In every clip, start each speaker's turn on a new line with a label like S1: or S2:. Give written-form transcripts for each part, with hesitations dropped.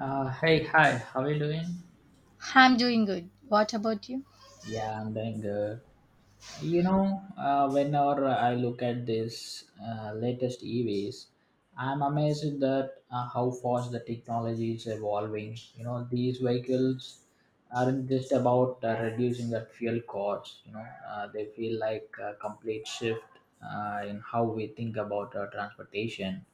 S1: Hey, hi, how are you doing?
S2: I'm doing good. What about you?
S1: Yeah, I'm doing good. Whenever I look at this latest EVs, I'm amazed that how fast the technology is evolving. You know, these vehicles aren't just about reducing the fuel costs. They feel like a complete shift in how we think about transportation.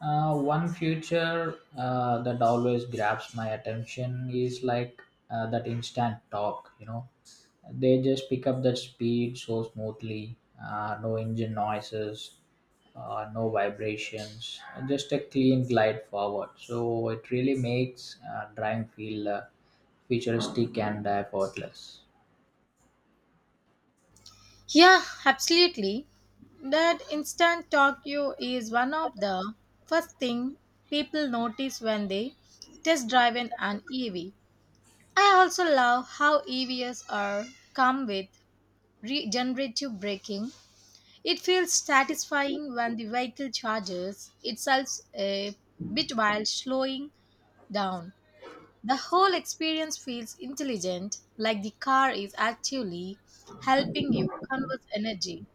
S1: One feature that always grabs my attention is like that instant talk, They just pick up that speed so smoothly, no engine noises, no vibrations, just a clean glide forward. So it really makes driving feel futuristic and effortless.
S2: Yeah, absolutely. That instant Tokyo is one of the first thing people notice when they test drive in an EV. I also love how EVs are come with regenerative braking. It feels satisfying when the vehicle charges itself a bit while slowing down. The whole experience feels intelligent, like the car is actually helping you conserve energy.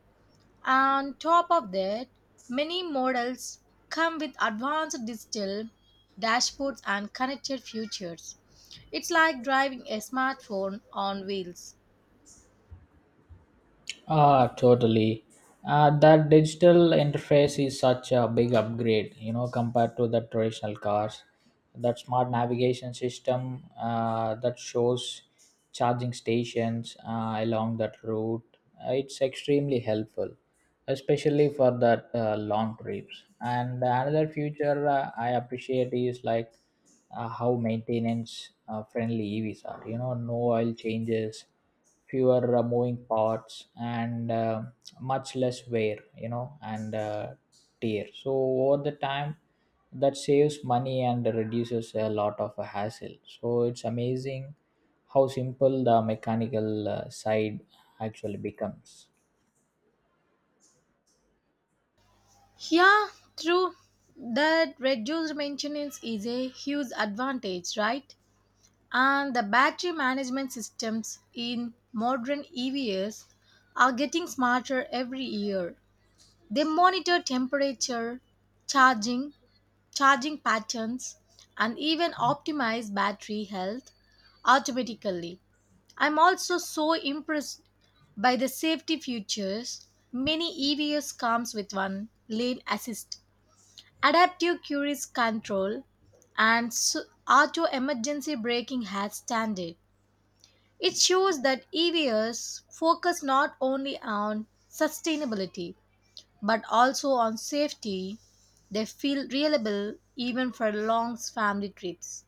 S2: On top of that, many models come with advanced digital dashboards and connected features. It's like driving a smartphone on wheels.
S1: Ah, totally. That digital interface is such a big upgrade, you know, compared to the traditional cars. That smart navigation system that shows charging stations along that route, it's extremely helpful, especially for that long trips. And another feature I appreciate is like how maintenance friendly EVs are. You know, no oil changes, fewer moving parts, and much less wear, you know, and tear, so over the time that saves money and reduces a lot of hassle. So it's amazing how simple the mechanical side actually becomes.
S2: Yeah, true. That reduced maintenance is a huge advantage, right? And the battery management systems in modern EVs are getting smarter every year. They monitor temperature, charging, charging patterns, and even optimize battery health automatically. I'm also so impressed by the safety features many EVs comes with one lane assist, adaptive cruise control, and auto emergency braking as standard. It shows that EVs focus not only on sustainability but also on safety. They feel reliable even for long family trips.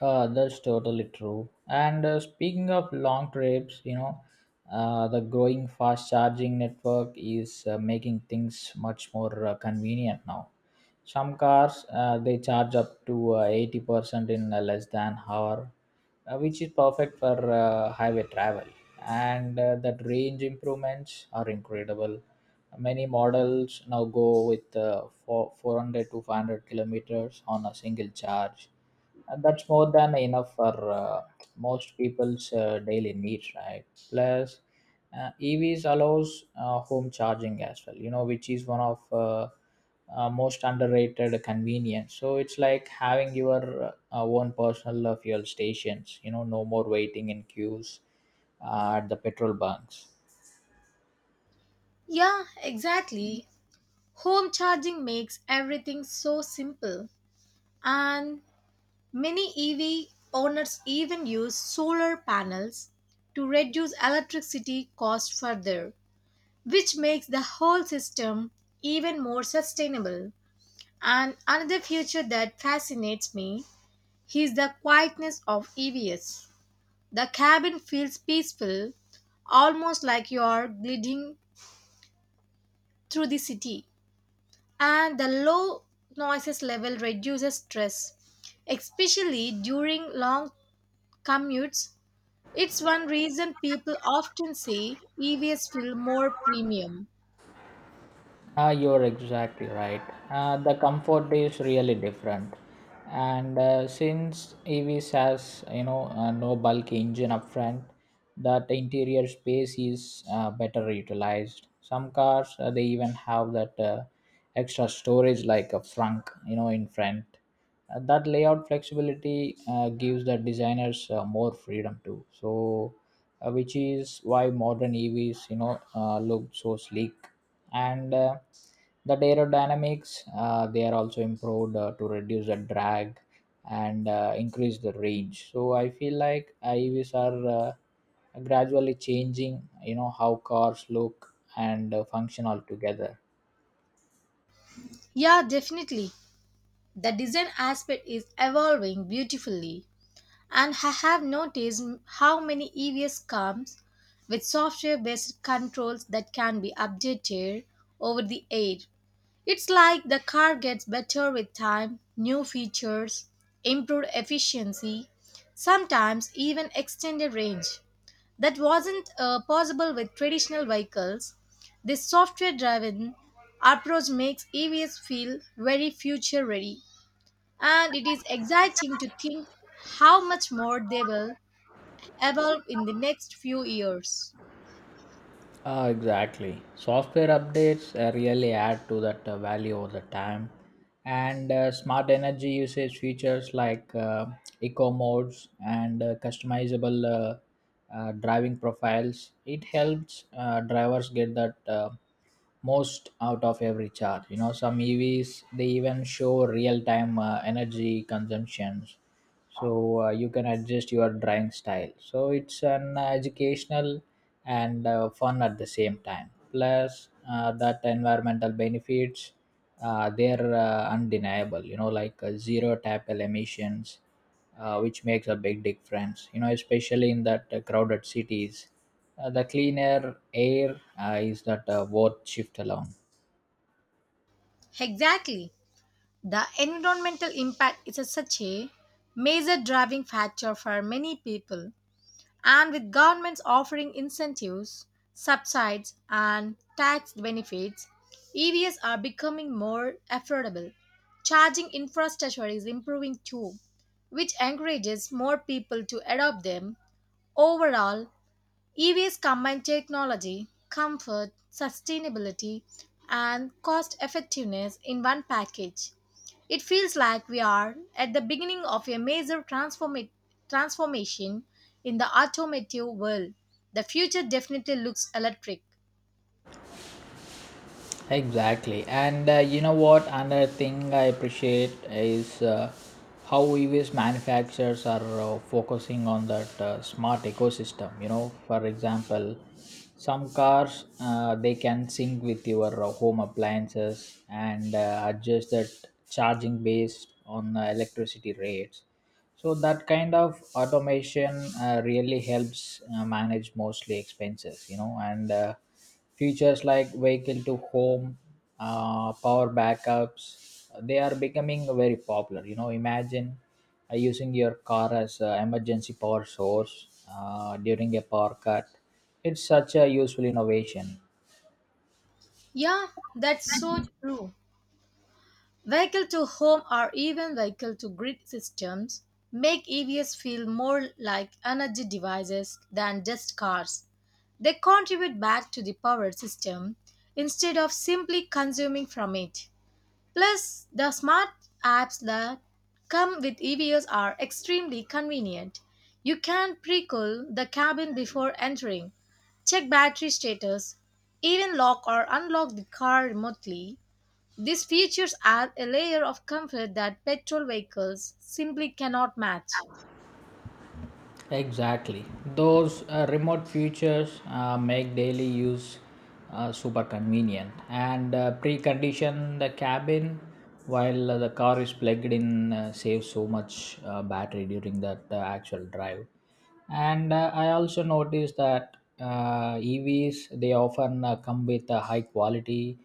S1: That's totally true. And speaking of long trips, you know, the growing fast charging network is making things much more convenient now. Some cars, they charge up to 80% in less than an hour, which is perfect for highway travel. And that range improvements are incredible. Many models now go with 400 to 500 kilometers on a single charge, and that's more than enough for most people's daily needs, right? Plus, EVs allows home charging as well, you know, which is one of most underrated convenience. So it's like having your own personal fuel stations, you know, no more waiting in queues at the petrol bunks.
S2: Yeah, exactly. Home charging makes everything so simple. And many EV owners even use solar panels to reduce electricity costs further, which makes the whole system even more sustainable. And another feature that fascinates me is the quietness of EVS. The cabin feels peaceful, almost like you are gliding through the city. And the low noises level reduces stress, especially during long commutes. It's one reason people often say EVS feel more premium.
S1: Ah, you're exactly right. The comfort is really different, and since EVs has, you know, no bulky engine up front, that interior space is better utilized. Some cars, they even have that extra storage like a trunk, you know, in front. That layout flexibility gives the designers more freedom too. So, which is why modern EVs, you know, look so sleek, and the aerodynamics, they are also improved to reduce the drag and increase the range. So, I feel like EVs are gradually changing, you know, how cars look and function altogether.
S2: Yeah, definitely. The design aspect is evolving beautifully. And I have noticed how many EVs comes with software-based controls that can be updated over the air. It's like the car gets better with time, new features, improved efficiency, sometimes even extended range. That wasn't possible with traditional vehicles. This software-driven approach makes EVs feel very future-ready, and it is exciting to think how much more they will evolve in the next few years.
S1: Ah, exactly. Software updates really add to that value over the time. And smart energy usage features like eco modes and customizable driving profiles. It helps drivers get that most out of every charge. You know, some EVs, they even show real time energy consumptions, so you can adjust your drawing style. So it's an educational and fun at the same time. Plus, that environmental benefits, they're undeniable, you know, like zero tackle emissions, which makes a big difference, you know, especially in that crowded cities. The cleaner air is that worth shift alone.
S2: Exactly. The environmental impact is a such a major driving factor for many people, and with governments offering incentives, subsidies, and tax benefits, EVs are becoming more affordable. Charging infrastructure is improving too, which encourages more people to adopt them. Overall, EVs combine technology, comfort, sustainability, and cost effectiveness in one package. It feels like we are at the beginning of a major transformation in the automotive world. The future definitely looks electric.
S1: Exactly. And you know what? Another thing I appreciate is how EVs manufacturers are focusing on that smart ecosystem. You know, for example, some cars, they can sync with your home appliances and adjust that charging based on electricity rates. So that kind of automation really helps manage mostly expenses. You know, and features like vehicle to home power backups, they are becoming very popular. You know, imagine using your car as an emergency power source during a power cut. It's such a useful innovation.
S2: Yeah, that's so true. Vehicle to home or even vehicle to grid systems make EVs feel more like energy devices than just cars. They contribute back to the power system instead of simply consuming from it. Plus, the smart apps that come with EVs are extremely convenient. You can pre cool the cabin before entering, check battery status, even lock or unlock the car remotely. These features add a layer of comfort that petrol vehicles simply cannot match.
S1: Exactly. Those remote features make daily use super convenient, and precondition the cabin while the car is plugged in saves so much battery during that actual drive. And I also noticed that EVs, they often come with a high quality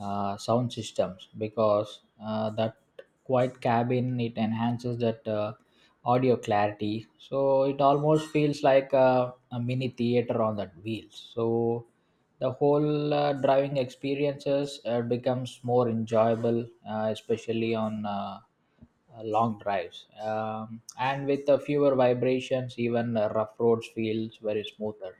S1: sound systems, because that quiet cabin, it enhances that audio clarity. So it almost feels like a mini theater on that wheels. So the whole driving experiences becomes more enjoyable, especially on long drives, and with the fewer vibrations, even rough roads feels very smoother.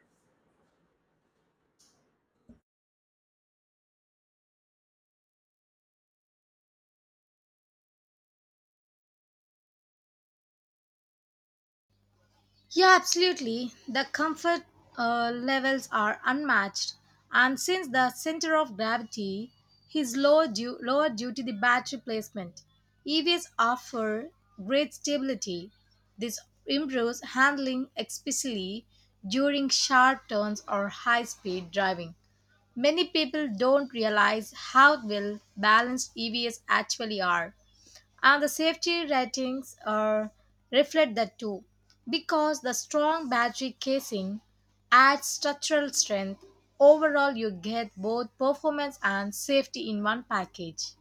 S2: Yeah, absolutely. The comfort levels are unmatched, and since the center of gravity is lower due to the battery placement, EVs offer great stability. This improves handling, especially during sharp turns or high speed driving. Many people don't realize how well balanced EVs actually are, and the safety ratings are reflect that too, because the strong battery casing adds structural strength. Overall, you get both performance and safety in one package.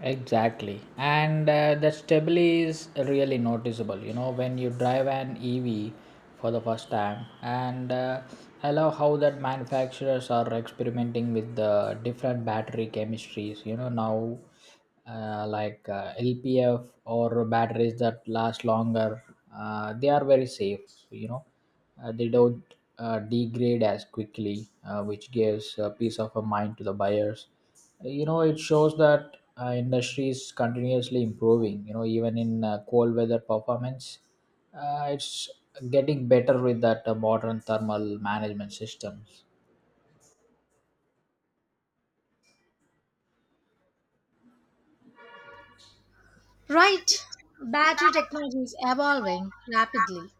S1: Exactly. And the stability is really noticeable, you know, when you drive an EV for the first time. And I love how that manufacturers are experimenting with the different battery chemistries, you know, now, like LPF or batteries that last longer. They are very safe, you know, they don't degrade as quickly, which gives peace of a mind to the buyers. You know, it shows that industry is continuously improving, you know, even in cold weather performance, it's getting better with that modern thermal management systems.
S2: Right, battery technology is evolving rapidly,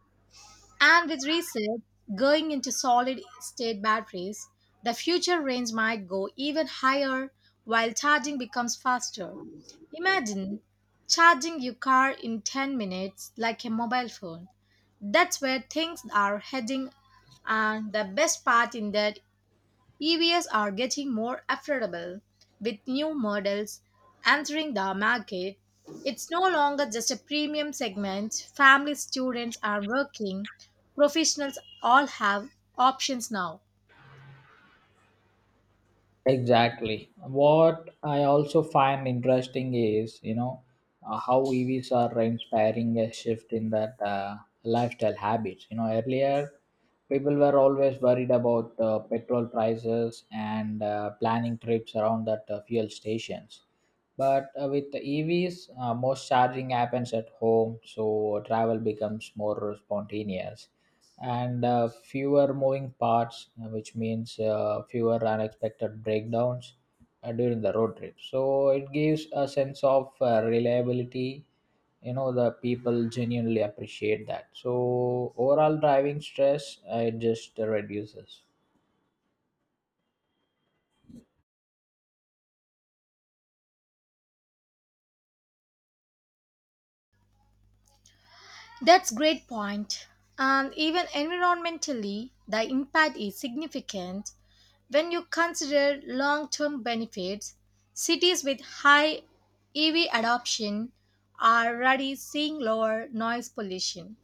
S2: and with research going into solid state batteries, the future range might go even higher while charging becomes faster. Imagine charging your car in 10 minutes like a mobile phone. That's where things are heading, and the best part in that EVs are getting more affordable with new models entering the market. It's no longer just a premium segment. Families, students and working professionals all have options now.
S1: Exactly. What I also find interesting is, you know, how EVs are inspiring a shift in that lifestyle habits. You know, earlier people were always worried about petrol prices and planning trips around that fuel stations. But with the EVs, most charging happens at home, so travel becomes more spontaneous, and fewer moving parts, which means fewer unexpected breakdowns during the road trip. So it gives a sense of reliability. You know, the people genuinely appreciate that. So overall driving stress, it just reduces.
S2: That's great point. And even environmentally, the impact is significant when you consider long-term benefits. Cities with high EV adoption are already seeing lower noise pollution,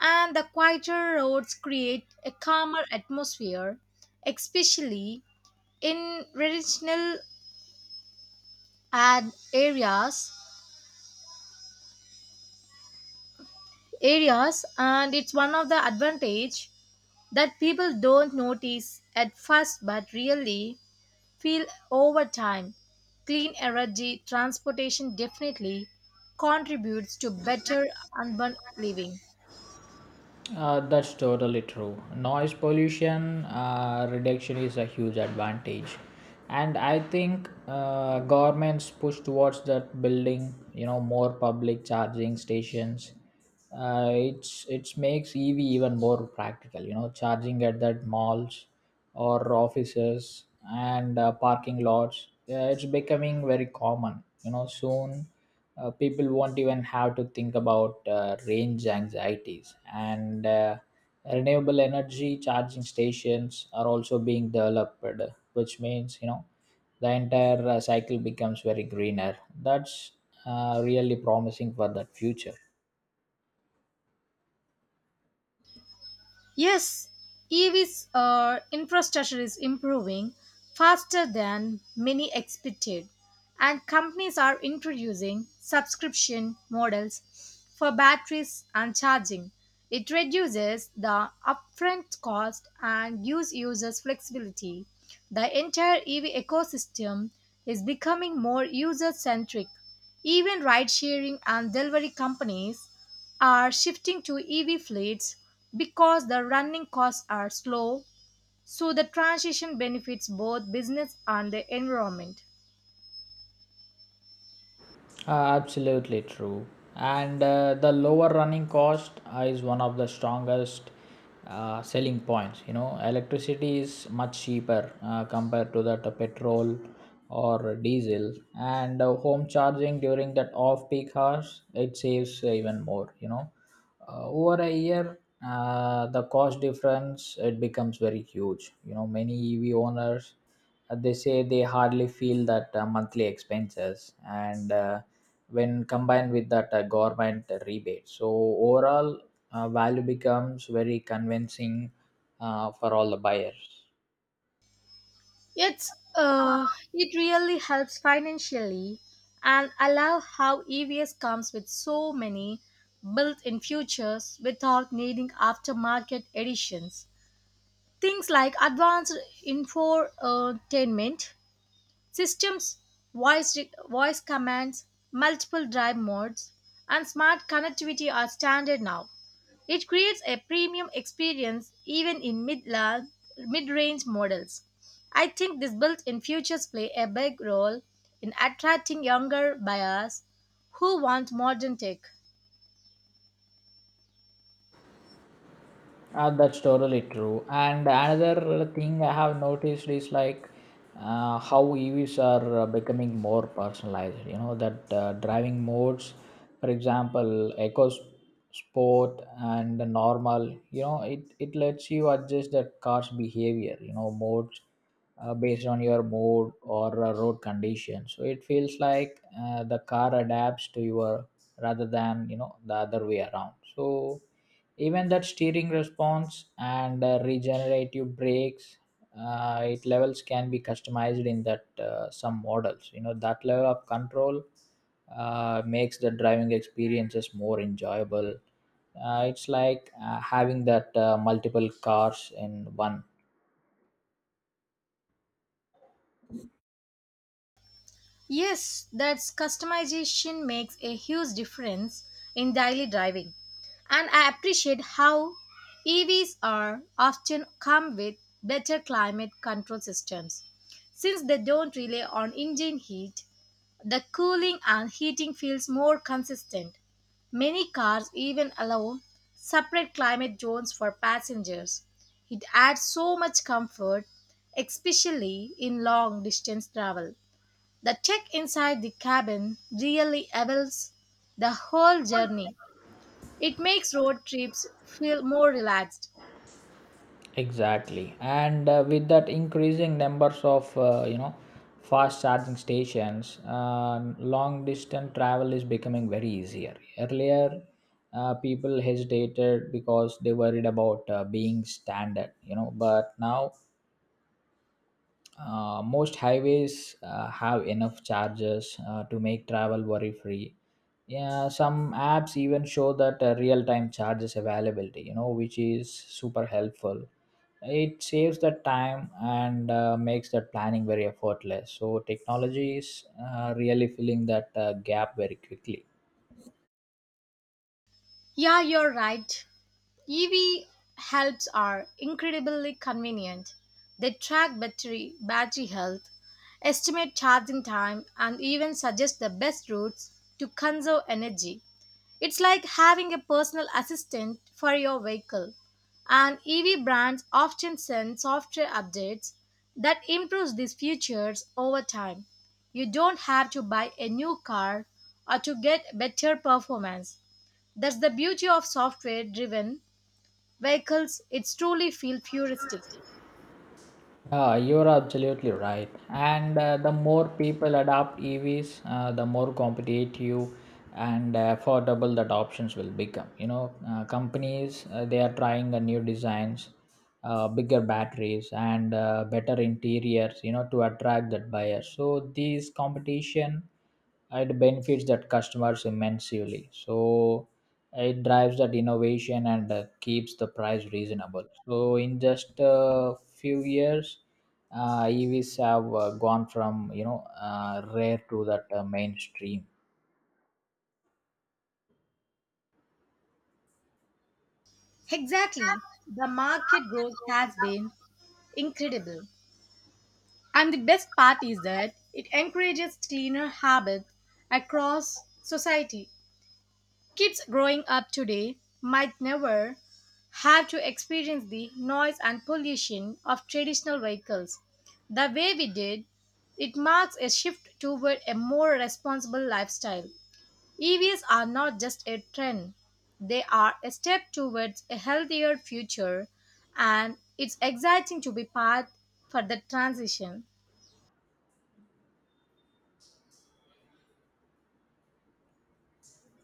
S2: and the quieter roads create a calmer atmosphere, especially in regional ad areas. Areas, and it's one of the advantage that people don't notice at first, but really feel over time. Clean energy transportation definitely contributes to better urban living.
S1: That's totally true. Noise pollution reduction is a huge advantage, and I think governments push towards that building. You know, more public charging stations. It makes EV even more practical. You know, charging at that malls or offices and parking lots. It's becoming very common. You know, soon people won't even have to think about range anxieties, and renewable energy charging stations are also being developed, which means, you know, the entire cycle becomes very greener. That's really promising for that future.
S2: Yes, EVs infrastructure is improving faster than many expected, and companies are introducing subscription models for batteries and charging. It reduces the upfront cost and gives users flexibility. The entire EV ecosystem is becoming more user centric. Even ride sharing and delivery companies are shifting to EV fleets because the running costs are slow, so the transition benefits both business and the environment.
S1: Absolutely true. And the lower running cost is one of the strongest selling points. You know, electricity is much cheaper compared to that petrol or diesel, and home charging during that off peak hours, it saves even more. You know, over a year, the cost difference, it becomes very huge. You know, many EV owners, they say they hardly feel that monthly expenses, and when combined with that government rebate, so overall value becomes very convincing for all the buyers.
S2: It really helps financially, and I love how EVs comes with so many built-in features without needing aftermarket additions. Things like advanced infotainment, systems, voice, voice commands, multiple drive modes, and smart connectivity are standard now. It creates a premium experience even in mid range models. I think these built in features play a big role in attracting younger buyers who want modern tech.
S1: That's totally true. And another thing I have noticed is like how EVs are becoming more personalized. You know that driving modes, for example, Sport and the normal. You know, it lets you adjust the car's behavior. You know, modes based on your mood or road condition, so it feels like the car adapts to your, rather than, you know, the other way around. So even that steering response and regenerative brakes, it levels can be customized in that some models. You know, that level of control makes the driving experiences more enjoyable. It's like having that multiple cars in one.
S2: Yes, that's customization makes a huge difference in daily driving. And I appreciate how EVs are often come with better climate control systems. Since they don't rely on engine heat, the cooling and heating feels more consistent. Many cars even allow separate climate zones for passengers. It adds so much comfort, especially in long distance travel. The tech inside the cabin really elevates the whole journey. It makes road trips feel more relaxed.
S1: Exactly, and with that increasing numbers of, you know, fast charging stations, long distance travel is becoming very easier. Earlier, people hesitated because they worried about being stranded, you know, but now most highways have enough charges to make travel worry free. Yeah, some apps even show that real time charges availability, you know, which is super helpful. It saves the time and makes that planning very effortless. So, technology is really filling that gap very quickly.
S2: Yeah, you're right. EV helps are incredibly convenient. They track battery health, estimate charging time, and even suggest the best routes to conserve energy. It's like having a personal assistant for your vehicle. And EV brands often send software updates that improves these features over time. You don't have to buy a new car or to get better performance. That's the beauty of software driven vehicles. It's truly feel futuristic.
S1: You're absolutely right. And the more people adopt EVs, the more competitive and affordable that options will become. You know, companies, they are trying the new designs, bigger batteries, and better interiors. You know, to attract that buyer. So these competition, it benefits that customers immensely. So it drives that innovation and keeps the price reasonable. So in just a few years, EVs have gone from, you know, rare to that mainstream.
S2: Exactly. The market growth has been incredible. And the best part is that it encourages cleaner habits across society. Kids growing up today might never have to experience the noise and pollution of traditional vehicles the way we did. It marks a shift toward a more responsible lifestyle. EVs are not just a trend, they are a step towards a healthier future, and it's exciting to be part for the transition.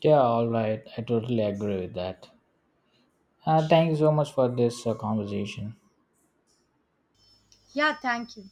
S1: Yeah, all right, I totally agree with that. Thank you so much for this conversation.
S2: Yeah, thank you.